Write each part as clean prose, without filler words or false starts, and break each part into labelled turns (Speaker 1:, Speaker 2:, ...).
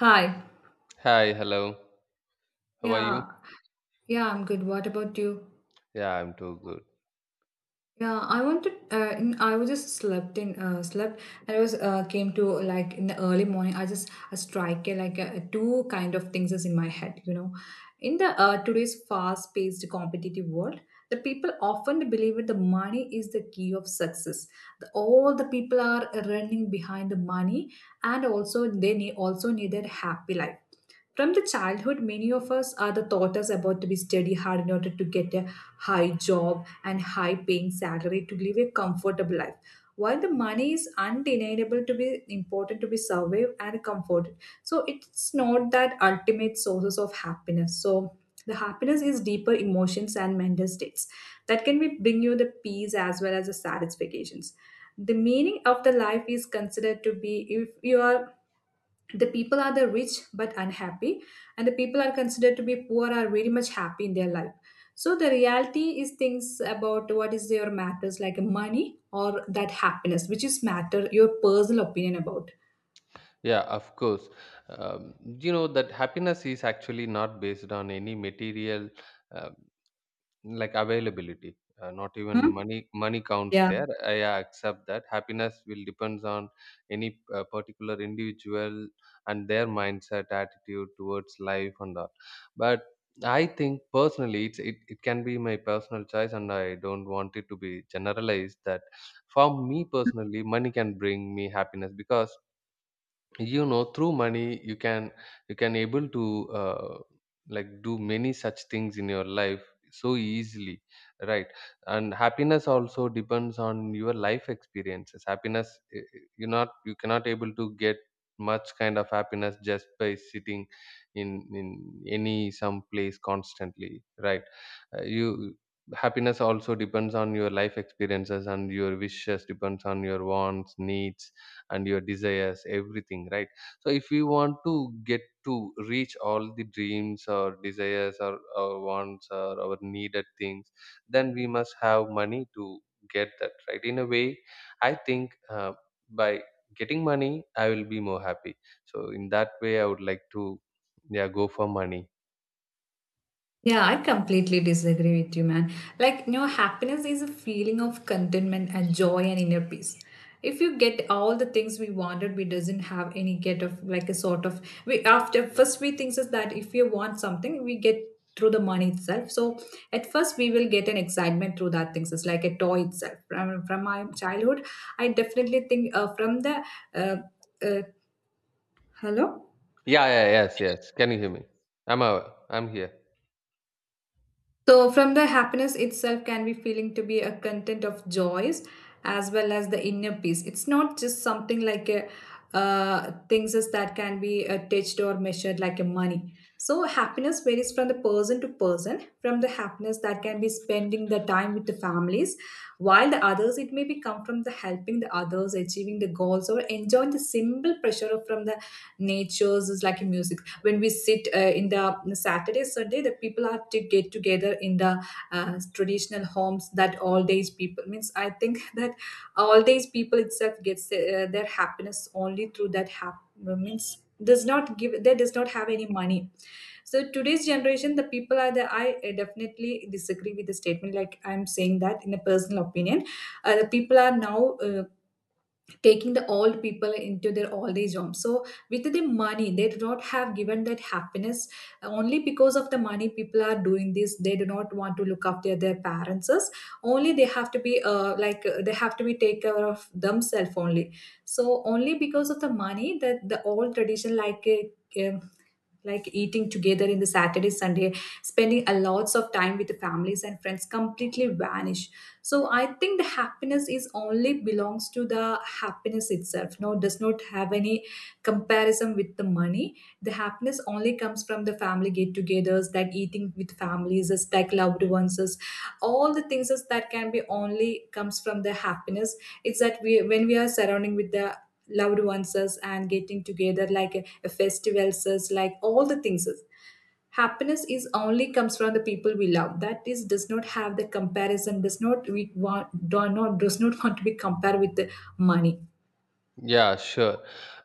Speaker 1: Hi.
Speaker 2: Hi, hello. How are you?
Speaker 1: Yeah. Yeah, I'm good. What about you?
Speaker 2: Yeah, I'm too good.
Speaker 1: Yeah, I wanted. I was just slept in. Slept. And I was came to like in the early morning. I just a strike like two kind of things is in my head. In the today's fast-paced competitive world, the people often believe that the money is the key of success. All the people are running behind the money, and also they need also need their happy life. From the childhood, many of us are the taught us about to be study hard in order to get a high job and high paying salary to live a comfortable life. While the money is undeniable to be important to be survived and comforted, so it's not that ultimate sources of happiness. So the happiness is deeper emotions and mental states that can be bring you the peace as well as the satisfactions. The meaning of the life is considered to be if you are the people are the rich but unhappy, and the people are considered to be poor are very much happy in their life. So the reality is things about what is your matters like money or that happiness, which is matter your personal opinion about.
Speaker 2: Yeah, of course. Um, you know that happiness is actually not based on any material. uh, Like availability, not even
Speaker 1: Hmm?
Speaker 2: money. Money counts
Speaker 1: Yeah.
Speaker 2: there. I accept that happiness will depends on any particular individual and their mindset, attitude towards life, and all. But I think personally, it can be my personal choice, and I don't want it to be generalized. That for me personally, money can bring me happiness because you know through money you can able to like do many such things in your life so easily, right. And happiness also depends on your life experiences. Happiness you're not, you cannot able to get much kind of happiness just by sitting in any some place constantly, right. You, happiness also depends on your life experiences and your wishes, depends on your wants, needs, and your desires, everything, right. So if we want to get to reach all the dreams or desires or our wants or our needed things, then we must have money to get that, right. In a way, I think by getting money I will be more happy. So in that way I would like to, yeah, go for money.
Speaker 1: Yeah, I completely disagree with you, man. Like, happiness is a feeling of contentment and joy and inner peace. If you get all the things we wanted, we doesn't have any get of, like, a sort of we after first we think is that if you want something, we get through the money itself. So at first we will get an excitement through that things. It's like a toy itself. From my childhood, I definitely think from the uh, uh, hello.
Speaker 2: Yeah, yeah, yes, yes, can you hear me? I'm I'm here.
Speaker 1: So, from the happiness itself, can be feeling to be a content of joys as well as the inner peace. It's not just something like a things is that can be touched or measured like a money. So, happiness varies from the person to person. From the happiness that can be spending the time with the families, while the others it may be come from the helping the others, achieving the goals, or enjoying the simple pressure of from the natures is like a music. When we sit in the Saturday, Sunday, the people have to get together in the traditional homes that all days people means. I think that all days people itself gets their happiness only through that means does not give they does not have any money. So today's generation the people are the I definitely disagree with the statement, like I'm saying that in a personal opinion. The people are now taking the old people into their old age home. So with the money, they do not have given that happiness. Only because of the money, people are doing this. They do not want to look after their parents. Only they have to be take care of themselves only. So only because of the money that the old tradition like. Uh, like eating together in the Saturday, Sunday, spending a lots of time with the families and friends completely vanish. So I think the happiness is only belongs to the happiness itself, no does not have any comparison with the money. The happiness only comes from the family get togethers, that eating with families is like loved ones is all the things is that can be only comes from the happiness. It's that we, when we are surrounding with the loved ones us, and getting together like a festivals us, like all the things us. Happiness is only comes from the people we love, that is does not have the comparison, does not we want, do not does not want to be compared with the money.
Speaker 2: Yeah, sure.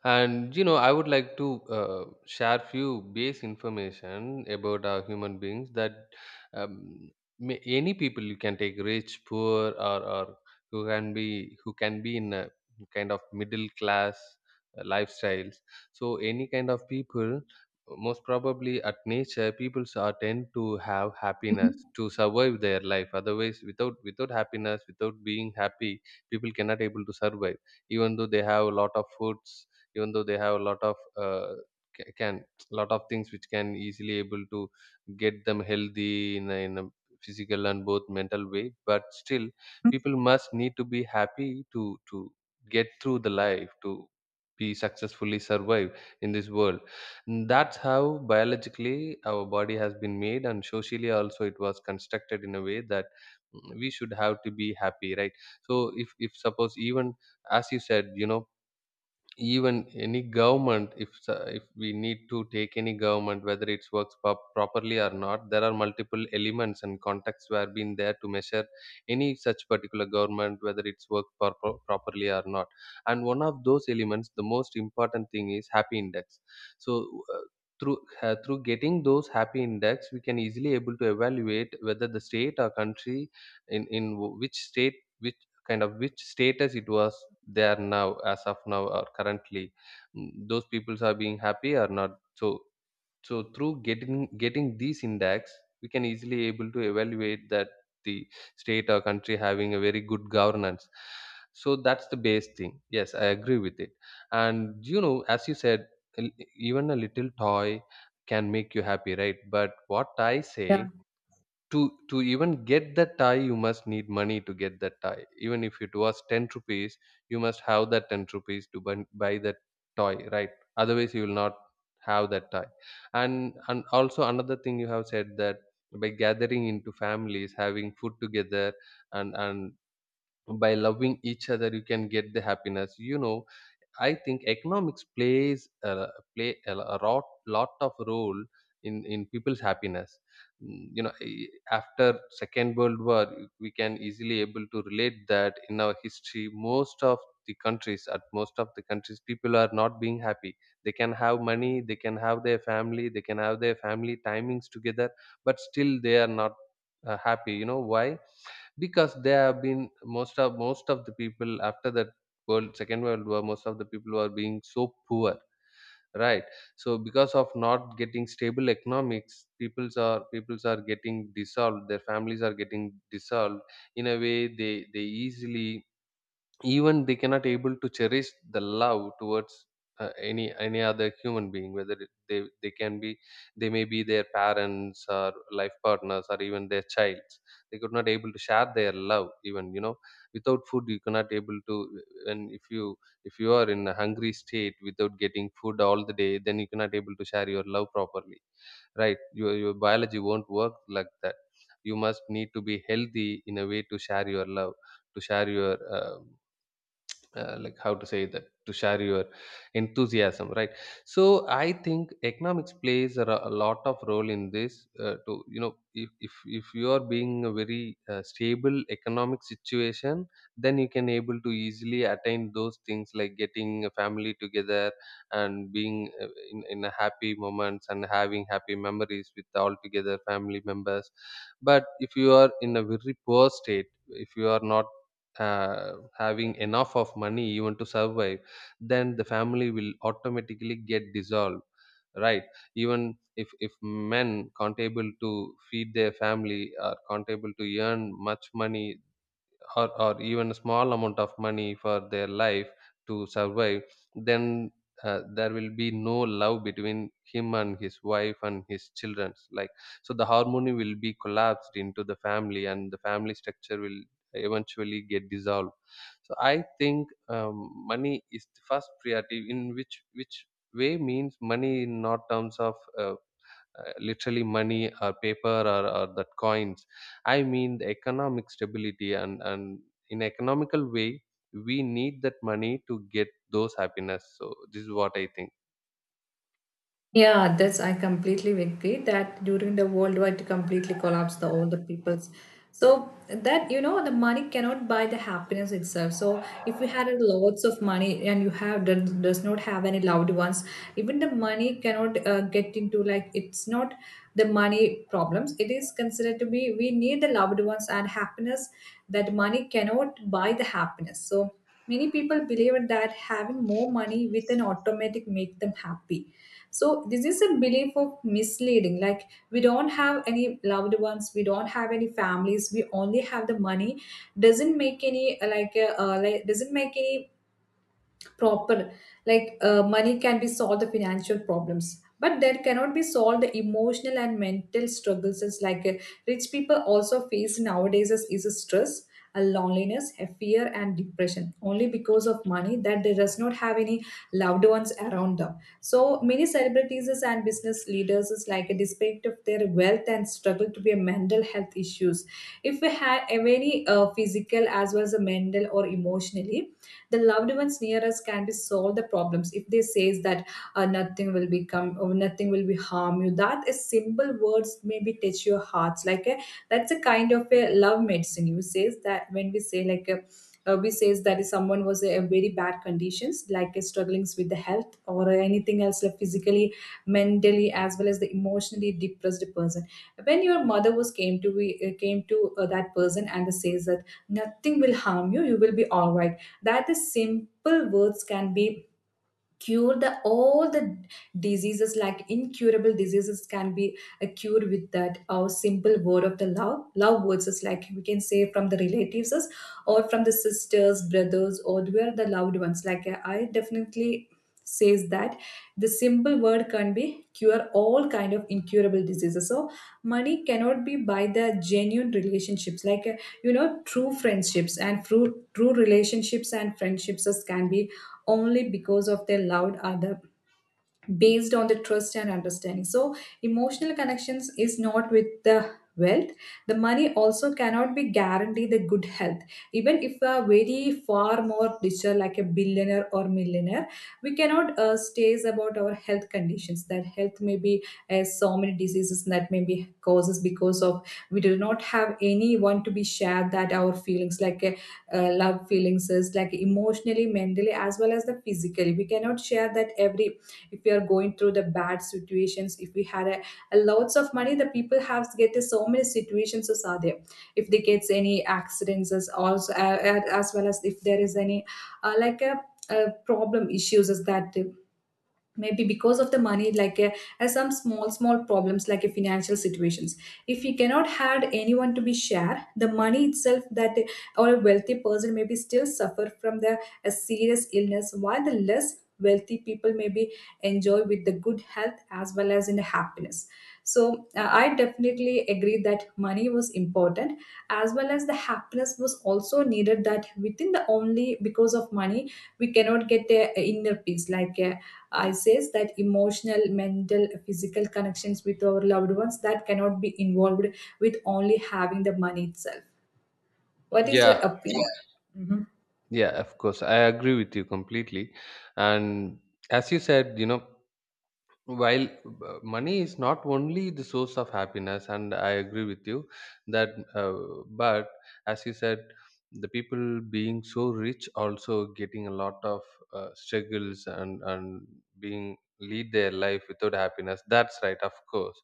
Speaker 2: And you know, I would like to share few base information about our human beings. That um, any people, you can take rich, poor, or who can be in a kind of middle class lifestyles. So any kind of people, most probably at nature, people are tend to have
Speaker 1: Mhm.
Speaker 2: happiness to survive their life. Otherwise, without without happiness, without being happy, people cannot able to survive, even though they have a lot of foods, even though they have a lot of can lot of things which can easily able to get them healthy in a physical and both mental way. But still people must need to be happy to get through the life, to be successfully survive in this world. And that's how biologically our body has been made, and socially also it was constructed in a way that we should have to be happy, right. So if suppose, even as you said, you know, even any government, if we need to take any government, whether it works properly or not, there are multiple elements and contexts where been there to measure any such particular government whether it's worked properly or not. And one of those elements, the most important thing, is happy index. So uh, through through getting those happy index we can easily able to evaluate whether the state or country, which state, kind of which status it was there now, as of now or currently. Those peoples are being happy or not. So so through getting getting these index we can easily able to evaluate that the state or country having a very good governance. So that's the base thing. Yes, I agree with it. And you know, as you said, l- even a little toy can make you happy, right. But what I say, to to even get that tie you must need money to get that tie, even if it was 10 rupees. You must have that 10 rupees to buy buy that toy, right. Otherwise you will not have that tie. And also another thing you have said, that by gathering into families, having food together, and by loving each other you can get the happiness. You know, I think economics plays play a a lot lot of role in people's happiness. You know, after second world war, we can easily able to relate that in our history most of the countries, at most of the countries people are not being happy. They can have money, they can have their family, they can have their family timings together, but still they are not happy. You know why? Because they have been, most of the people after that world, second world war, most of the people were being so poor, right. So because of not getting stable economics, peoples are getting dissolved, their families are getting dissolved. In a way, they easily, even they cannot able to cherish the love towards any other human being, whether they can be, they may be their parents or life partners or even their childs. They could not able to share their love even, you know. Without food you cannot able to. And if you, if you are in a hungry state without getting food all the day, then you cannot able to share your love properly, right. Your biology won't work like that. You must need to be healthy in a way to share your love, to share your like how to say that, to share your enthusiasm, right. So I think economics plays a, a lot of role in this to, you know, if you are being a very stable economic situation, then you can able to easily attain those things, like getting a family together and being in a happy moments and having happy memories with all together family members. But if you are in a very poor state, if you are not having enough of money even to survive, then the family will automatically get dissolved, right. Even if men can't able to feed their family or can't able to earn much money or even a small amount of money for their life to survive, then there will be no love between him and his wife and his children, like. So the harmony will be collapsed into the family, and the family structure will eventually get dissolved. So I think um, money is the first priority, in which way, means money in not terms of literally money or paper or that coins. I mean the economic stability, and in economical way, we need that money to get those happiness. So this is what I think.
Speaker 1: Yeah, that's I completely agree that during the worldwide completely collapse, the all the peoples. So that you know the money cannot buy the happiness itself. So if you had lots of money and you have does not have any loved ones, even the money cannot get into, like, it's not the money problems. It is considered to be we need the loved ones and happiness, that money cannot buy the happiness. So many people believe that having more money with an automatic make them happy, so this is a belief of misleading. Like, we don't have any loved ones, we don't have any families, we only have the money, doesn't make any like doesn't make any proper, like money can be solved the financial problems, but there cannot be solved the emotional and mental struggles, as like rich people also face nowadays is a stress, a loneliness, a fear and depression, only because of money that they does not have any loved ones around them. So many celebrities and business leaders is like a despite of their wealth and struggle to be a mental health issues. If we had any physical as well as a mental or emotionally, the loved ones near us can be solve the problems. If they says that nothing will become or nothing will be harm you, that is simple words maybe touch your hearts, like a, that's a kind of a love medicine. You says that when we say like a we says that if someone was in very bad conditions, like struggling with the health or anything else, like physically, mentally as well as the emotionally depressed person, when your mother was came to that person and says that nothing will harm you will be all right. That is simple words can be cure the all the diseases, like incurable diseases can be cured with that our simple word of the love words. Is like we can say from the relatives is, or from the sisters, brothers, or where the loved ones, like I definitely says that the simple word can be cure all kind of incurable diseases. So money cannot be by the genuine relationships, like you know, true friendships and true relationships and friendships can be only because of their loud other, based on the trust and understanding. So, emotional connections is not with the wealth. The money also cannot be guaranteed the good health. Even if a very far more richer, like a billionaire or millionaire, we cannot stays about our health conditions. That health may be so many diseases that may be causes because of we do not have anyone to be shared that our feelings, like a love feelings is like emotionally, mentally as well as the physically we cannot share that every if we are going through the bad situations. If we had a lots of money, the people have get so many situations as are there. If they gets any accidents as also as well as if there is any like a problem issues is that maybe because of the money, like as some small small problems like a financial situations. If you cannot had anyone to be share the money itself that or a wealthy person maybe still suffer from the a serious illness, while the less wealthy people maybe enjoy with the good health as well as in the happiness. So I definitely agree that money was important, as well as the happiness was also needed, that within the only because of money we cannot get a inner peace, like I says that emotional, mental, physical connections with our loved ones that cannot be involved with only having the money itself. What is
Speaker 2: Yeah,
Speaker 1: your opinion? Mhm.
Speaker 2: yeah, of course, I agree with you completely. And as you said, you know, while money is not only the source of happiness, and I agree with you that but as you said, the people being so rich also getting a lot of struggles and being lead their life without happiness, that's right, of course.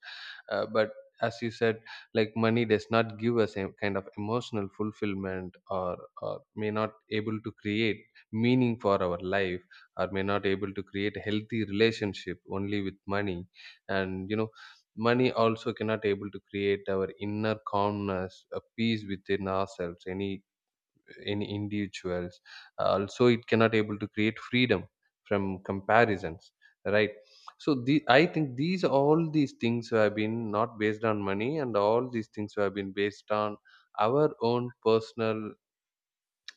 Speaker 2: But as you said, like money does not give us a kind of emotional fulfillment, or may not able to create meaning for our life, or may not able to create healthy relationship only with money. And you know, money also cannot able to create our inner calmness, a peace within ourselves, any individuals. Also it cannot able to create freedom from comparisons, right. So the, I think these all these things have been not based on money, and all these things have been based on our own personal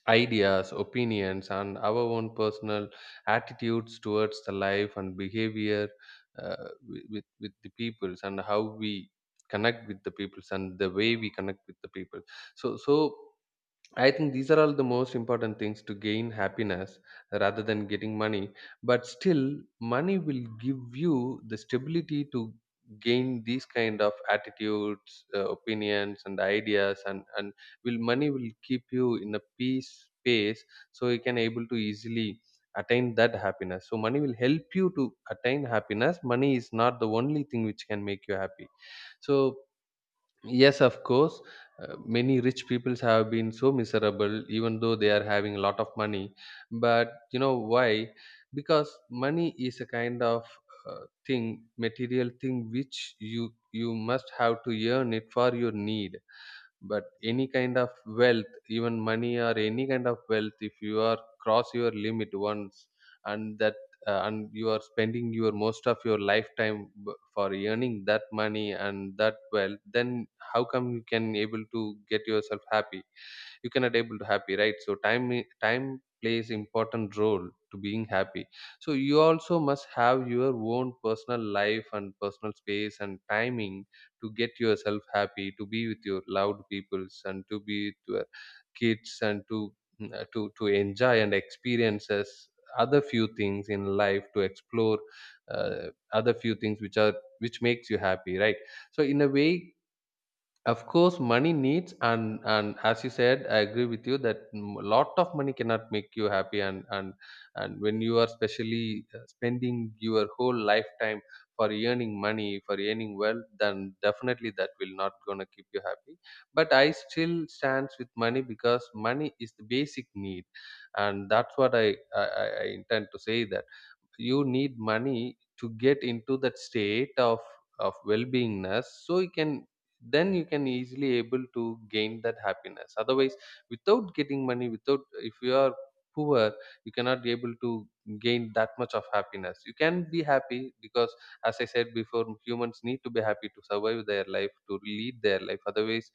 Speaker 2: ideas, opinions, and our own personal attitudes towards the life and behavior with the peoples, and how we connect with the peoples, and the way we connect with the people. So so. I think these are all the most important things to gain happiness rather than getting money. But still, money will give you the stability to gain these kind of attitudes, opinions, and ideas, and will money will keep you in a peace space, so you can able to easily attain that happiness. So money will help you to attain happiness. Money is not the only thing which can make you happy. So yes, of course. Many rich peoples have been so miserable, even though they are having a lot of money. But you know why? Because money is a kind of thing, material thing, which you must have to earn it for your need. But any kind of wealth, even money or any kind of wealth, if you are cross your limit once, and that and you are spending your most of your lifetime for earning that money and that wealth, then how come you can able to get yourself happy? You cannot able to happy, right? So time time plays important role to being happy. So you also must have your own personal life and personal space and timing to get yourself happy, to be with your loved peoples and to be with your kids and to to enjoy and experiences other few things in life to explore, uh, other few things which makes you happy, right? So in a way, of course, money needs and as you said, I agree with you that a lot of money cannot make you happy, and when you are especially spending your whole lifetime for earning money, for earning wealth, then definitely that will not gonna keep you happy. But I still stands with money because money is the basic need, and that's what I intend to say, that you need money to get into that state of well-beingness, so you can then you can easily able to gain that happiness. Otherwise, without getting money, without if you are poor, you cannot be able to gain that much of happiness. You can be happy because, as I said before, humans need to be happy to survive their life, to lead their life. Otherwise,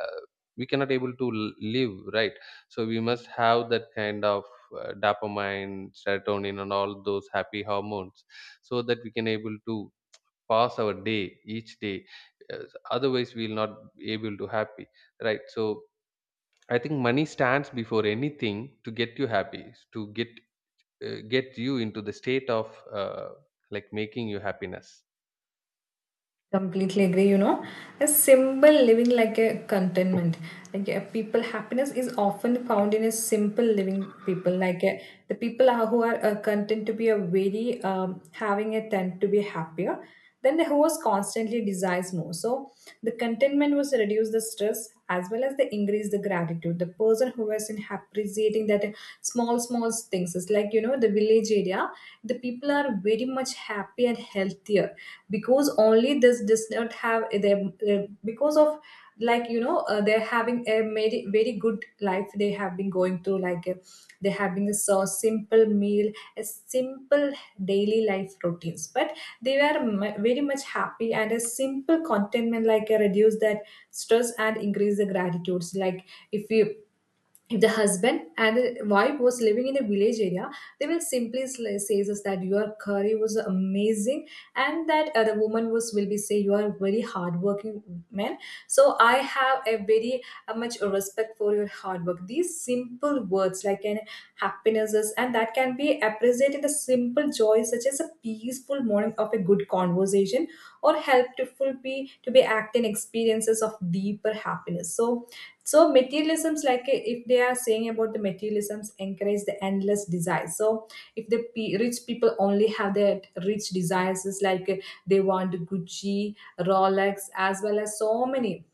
Speaker 2: uh, we cannot able to live, right? So we must have that kind of dopamine, serotonin and all those happy hormones, so that we can able to pass our day, each day. Uh, otherwise we will not be able to happy, right? So I think money stands before anything to get you happy, to get you into the state of, uh, like, making you happiness.
Speaker 1: Completely agree, you know, a simple living like a contentment. Like, a people happiness is often found in a simple living people like the people are, who are content to be a very having a tend to be happier than the who was constantly desires more. So the contentment was reduce the stress as well as the increase the gratitude. The person who was in appreciating that small small things is like, you know, the village area, the people are very much happy and healthier because only this does not have they because of, like, you know, they're having a very good life. They have been going through like, they're having a so simple meal, a simple daily life routines. But they were very much happy and a simple contentment like reduce that stress and increase the gratitudes. Like, if you if the husband and the wife was living in a village area, they will simply say us that your curry was amazing. And that the woman was will be say you are a very hardworking man. So I have a very much respect for your hard work. These simple words like an happinesses, and that can be appreciated in the simple joys such as a peaceful morning of a good conversation or helpful be to be acting experiences of deeper happiness. So materialisms, like if they are saying about the materialisms encourage the endless desire. So if the rich people only have their rich desires is like, they want Gucci, Rolex, as well as so many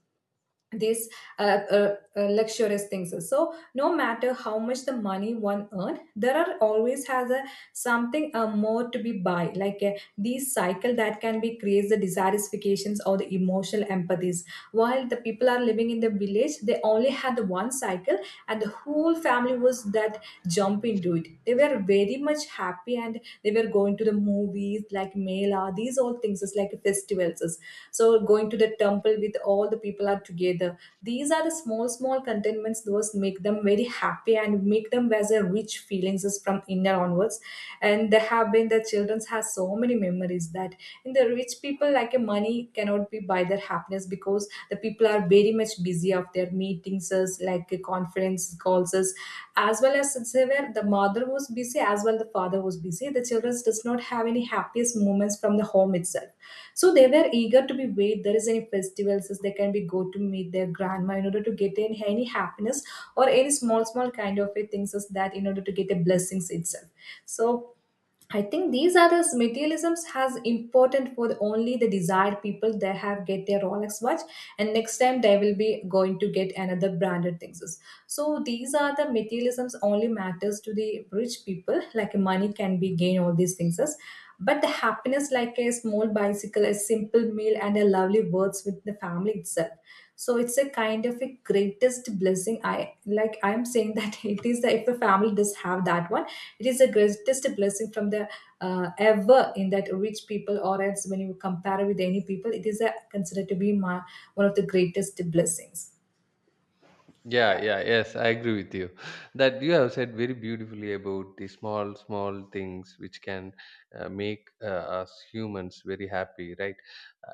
Speaker 1: these luxurious things. So no matter how much the money one earn, there are always has a something more to be buy, like these cycle that can be creates the dissatisfactions or the emotional empathies. While the people are living in the village, they only had the one cycle, and the whole family was that jump into it. They were very much happy, and they were going to the movies like mela, these all things is like festivals. So going to the temple with all the people are together, these are the small small contentments those make them very happy and make them as a rich feelings is from inner onwards. And there have been the children's has so many memories that. In the rich people, like a money cannot be buy their happiness, because the people are very much busy of their meetings as like a conference calls us. As well as it's where the mother was busy, as well the father was busy, the children does not have any happiest moments from the home itself. So they were eager to be wait there is any festivals as they can be go to meet their grandma in order to get any happiness, or any small small kind of a things as that, in order to get a blessings itself. So I think these are the materialisms has important for only the desired people. They have get their Rolex watch, and next time they will be going to get another branded things. So these are the materialisms only matters to the rich people, like money can be gain all these things. But the happiness, like a small bicycle, a simple meal, and a lovely words with the family itself, so it's a kind of a greatest blessing. I like, I'm saying that it is the, if a family does have that one, it is the greatest blessing from the ever in that rich people, or else when you compare with any people, it is a, considered to be my one of the greatest blessings.
Speaker 2: Yeah,
Speaker 1: Yeah.
Speaker 2: yeah, yes, I agree with you. That you have said very beautifully about the small, small things which can make us humans very happy, right?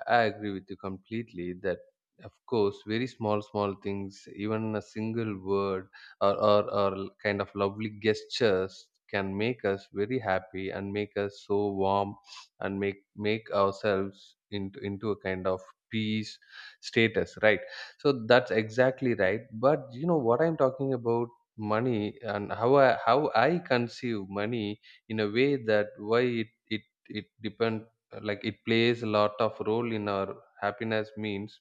Speaker 2: I agree with you completely that, of course, very small, small things, even a single word or kind of lovely gestures can make us very happy and make us so warm and make ourselves into a kind of peace status, right? So that's exactly right. But you know what I'm talking about money, and how I conceive money, in a way that why it depend, like it plays a lot of role in our happiness, means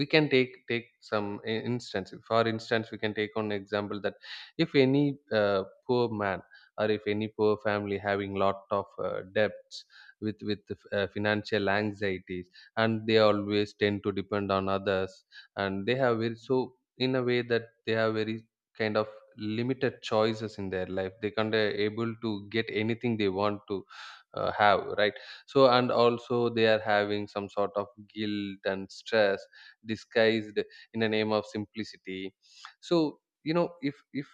Speaker 2: we can take some I- instance for instance we can take on example, that if any poor man, or if any poor family having lot of debts, with financial anxieties, and they always tend to depend on others, and they have very so in a way that they have very kind of limited choices in their life, they can't able to get anything they want to have, right? So, and also they are having some sort of guilt and stress disguised in the name of simplicity. So, if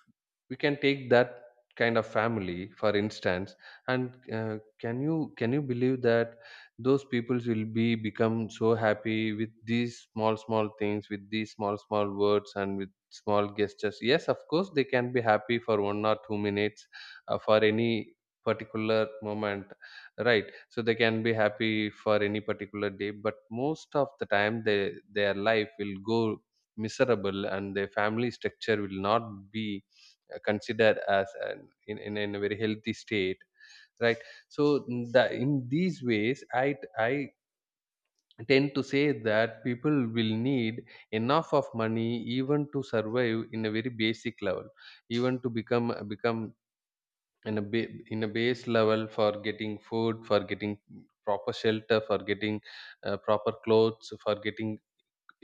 Speaker 2: we can take that kind of family for instance, and can you believe that those peoples will be become so happy with these small small things, with these small small words, and with small gestures? Yes, of course, they can be happy for 1 or 2 minutes, for any particular moment, right? So they can be happy for any particular day, but most of the time they their life will go miserable and their family structure will not be considered as in a very healthy state, right? So, in these ways I tend to say that people will need enough of money, even to survive in a very basic level, even to become in a base level for getting food, for getting proper shelter, for getting proper clothes, for getting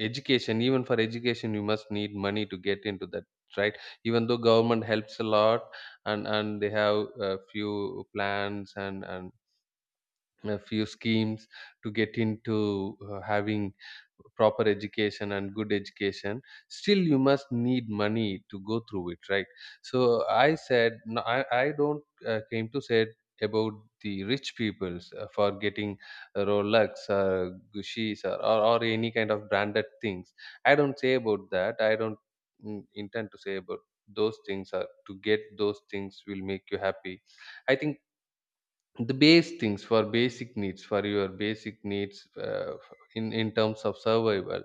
Speaker 2: education. Even for education you must need money to get into that, right? Even though government helps a lot, and they have a few plans, and a few schemes to get into having proper education and good education, still you must need money to go through it, right? So I said, no, I don't came to say about the rich peoples for getting a Rolex or Gucci's, or any kind of branded things. I don't say about that. I don't intend to say about those things, or to get those things will make you happy. I think the base things, for your basic needs, in terms of survival,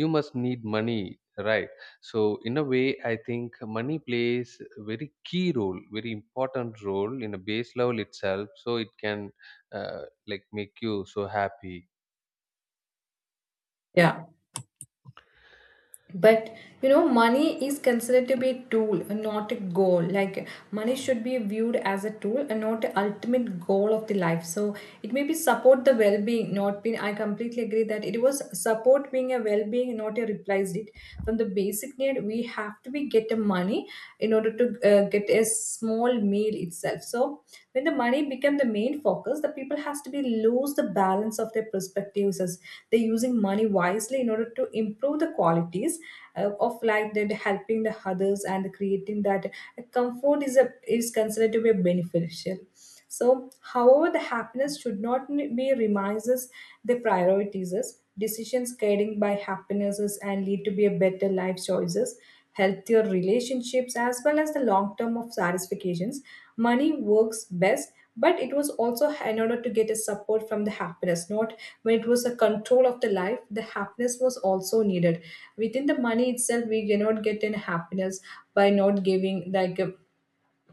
Speaker 2: you must need money, right? So in a way I think money plays a very key role, very important role, in a base level itself, so it can, uh, like, make you so happy.
Speaker 1: Yeah, but you know, money is considered to be a tool, not a goal. Like, money should be viewed as a tool and not the ultimate goal of the life. So it may be support the well-being, not being. I completely agree that it was support being a well-being, not a replaced it. From the basic need, we have to be get the money in order to get a small meal itself, so know. When the money became the main focus, the people has to be lose the balance of their perspectives, as they're using money wisely in order to improve the qualities of life, that helping the others and creating that comfort is a is considered to be beneficial. So, however, the happiness should not be remises. The priorities is decisions guided by happinesses and lead to be a better life choices, healthier relationships, as well as the long term of satisfactions. Money works best, but it was also in order to get a support from the happiness, not when it was a control of the life. The happiness was also needed within the money itself. We cannot get in happiness by not giving like. A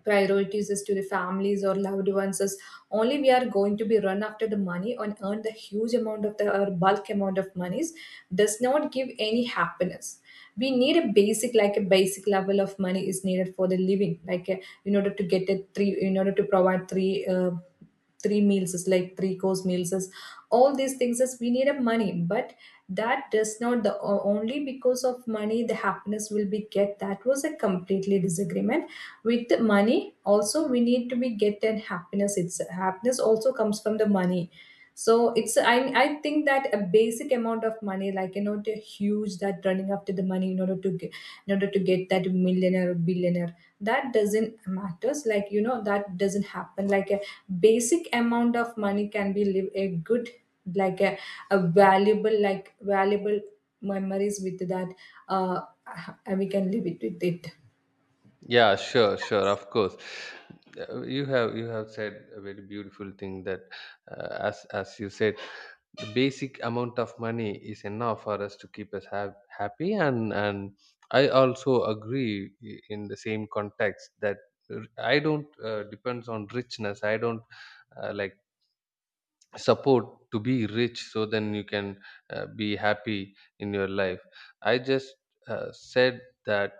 Speaker 1: priorities is to the families or loved ones is, only we are going to be run after the money and earn the huge amount of the or bulk amount of monies does not give any happiness. We need a basic, like a basic level of money is needed for the living, like in order to get a three, in order to provide three three meals is like three course meals is all these things is we need a money. But that does not the only because of money the happiness will be get, that was a completely disagreement. With the money also we need to be get that happiness. It's happiness also comes from the money. So it's I think that a basic amount of money, like, you know, the huge that running after the money in order to get that millionaire or billionaire, that doesn't matters, like, you know, that doesn't happen. Like a basic amount of money can be live a good, like a valuable, like valuable memories with that uh and we can live it with it.
Speaker 2: Yeah, sure, sure, of course. You have said a very beautiful thing, that as you said, the basic amount of money is enough for us to keep us happy, and I also agree, in the same context, that I don't depends on richness. I don't like support to be rich, so then you can be happy in your life. I just said that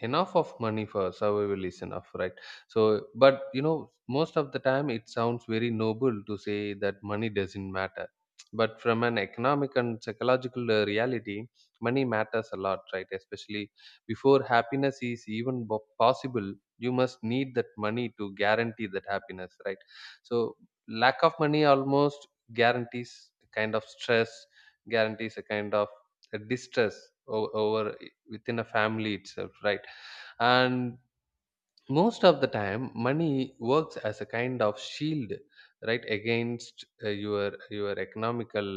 Speaker 2: enough of money for survival is enough, right? So, but you know, most of the time it sounds very noble to say that money doesn't matter. But from an economic and psychological reality, money matters a lot, right? Especially before happiness is even possible, you must need that money to guarantee that happiness, right? So lack of money almost guarantees a kind of stress, guarantees a kind of a distress over within a family itself, right? And most of the time money works as a kind of shield, right, against your economical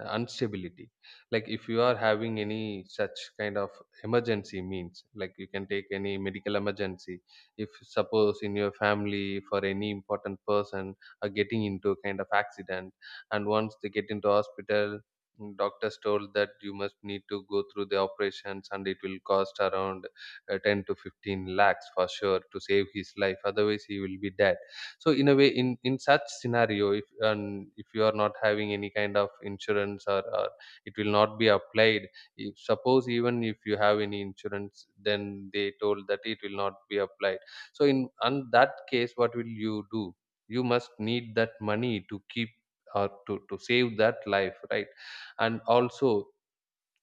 Speaker 2: instability. Like if you are having any such kind of emergency, means like you can take any medical emergency. If suppose in your family, for any important person, are getting into a kind of accident, and once they get into hospital, doctors told that you must need to go through the operations and it will cost around 10 to 15 lakhs for sure, to save his life, otherwise he will be dead. So in a way, in such scenario, if and if you are not having any kind of insurance, or it will not be applied, if suppose even if you have any insurance then they told that it will not be applied, so in on that case what will you do? You must need that money to keep or to save that life, right? And also,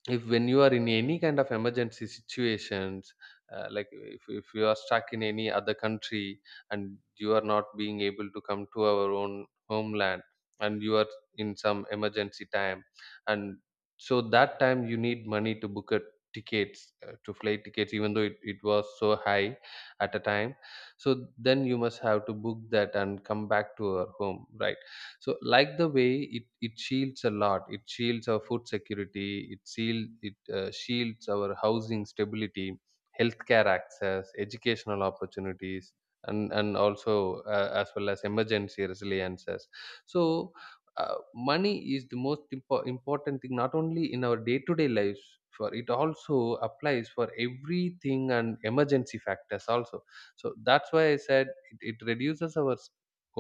Speaker 2: if when you are in any kind of emergency situations, like if you are stuck in any other country and you are not being able to come to our own homeland, and you are in some emergency time, and so that time you need money to book a tickets, to flight tickets, even though it was so high at a time, so then you must have to book that and come back to our home, right? So like the way, it shields a lot, it shields our food security, it shields our housing stability, healthcare access, educational opportunities, and also, as well as emergency resiliences. So money is the most important thing, not only in our day to day lives, for it also applies for everything and emergency factors also. So that's why I said it reduces our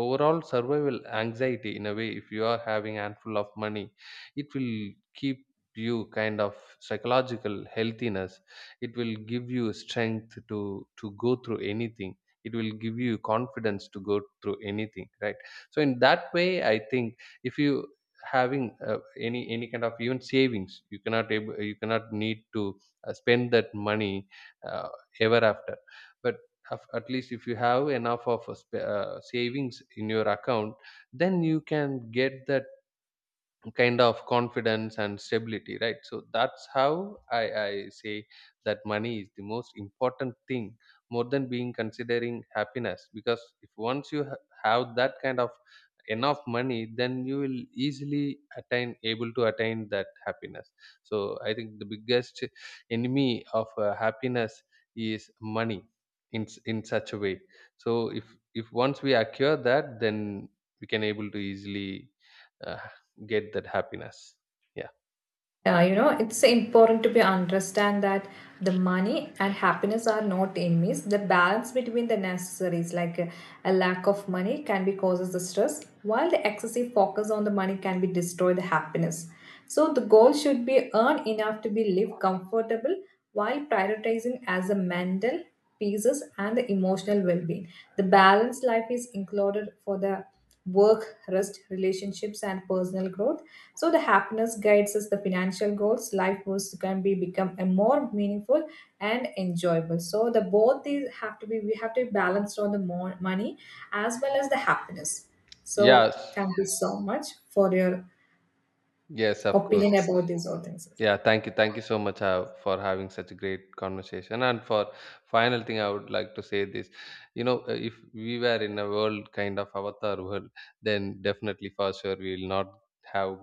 Speaker 2: overall survival anxiety. In a way, if you are having handful of money, it will keep you kind of psychological healthiness, it will give you strength to go through anything, it will give you confidence to go through anything, right? So in that way I think, if you having any kind of even savings, you cannot need to spend that money uh, ever after. But at least if you have enough of savings in your account, then you can get that kind of confidence and stability, right? So that's how I say that money is the most important thing, more than being considering happiness, because if once you have that kind of enough money, then you will easily attain able to attain that happiness. So I think the biggest enemy of happiness is money, in in such a way. So if once we acquire that, then we can able to easily uh, get that happiness, yeah.
Speaker 1: You know, it's important to be understand that the money and happiness are not enemies. The balance between the necessaries, like a lack of money can be causes the stress, while the excessive focus on the money can be destroy the happiness. So the goal should be earn enough to be live comfortable, while prioritizing as a mental pieces and the emotional well-being. The balanced life is included for the work, rest, relationships, and personal growth. So the happiness guides us the financial goals. Life goals can be become a more meaningful and enjoyable. So the both these have to be, we have to be balanced on the more money as well as the happiness. So
Speaker 2: Yes,
Speaker 1: thank you so much for your
Speaker 2: yes, of course.
Speaker 1: opinion about these all things.
Speaker 2: Yeah, thank you, thank you so much for having such a great conversation. And for final thing I would like to say this, if we were in a world kind of avatar world, then definitely for sure we will not have,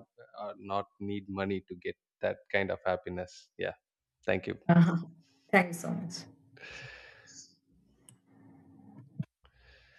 Speaker 2: not need money to get that kind of happiness, yeah. Thank you.
Speaker 1: Thank you so much.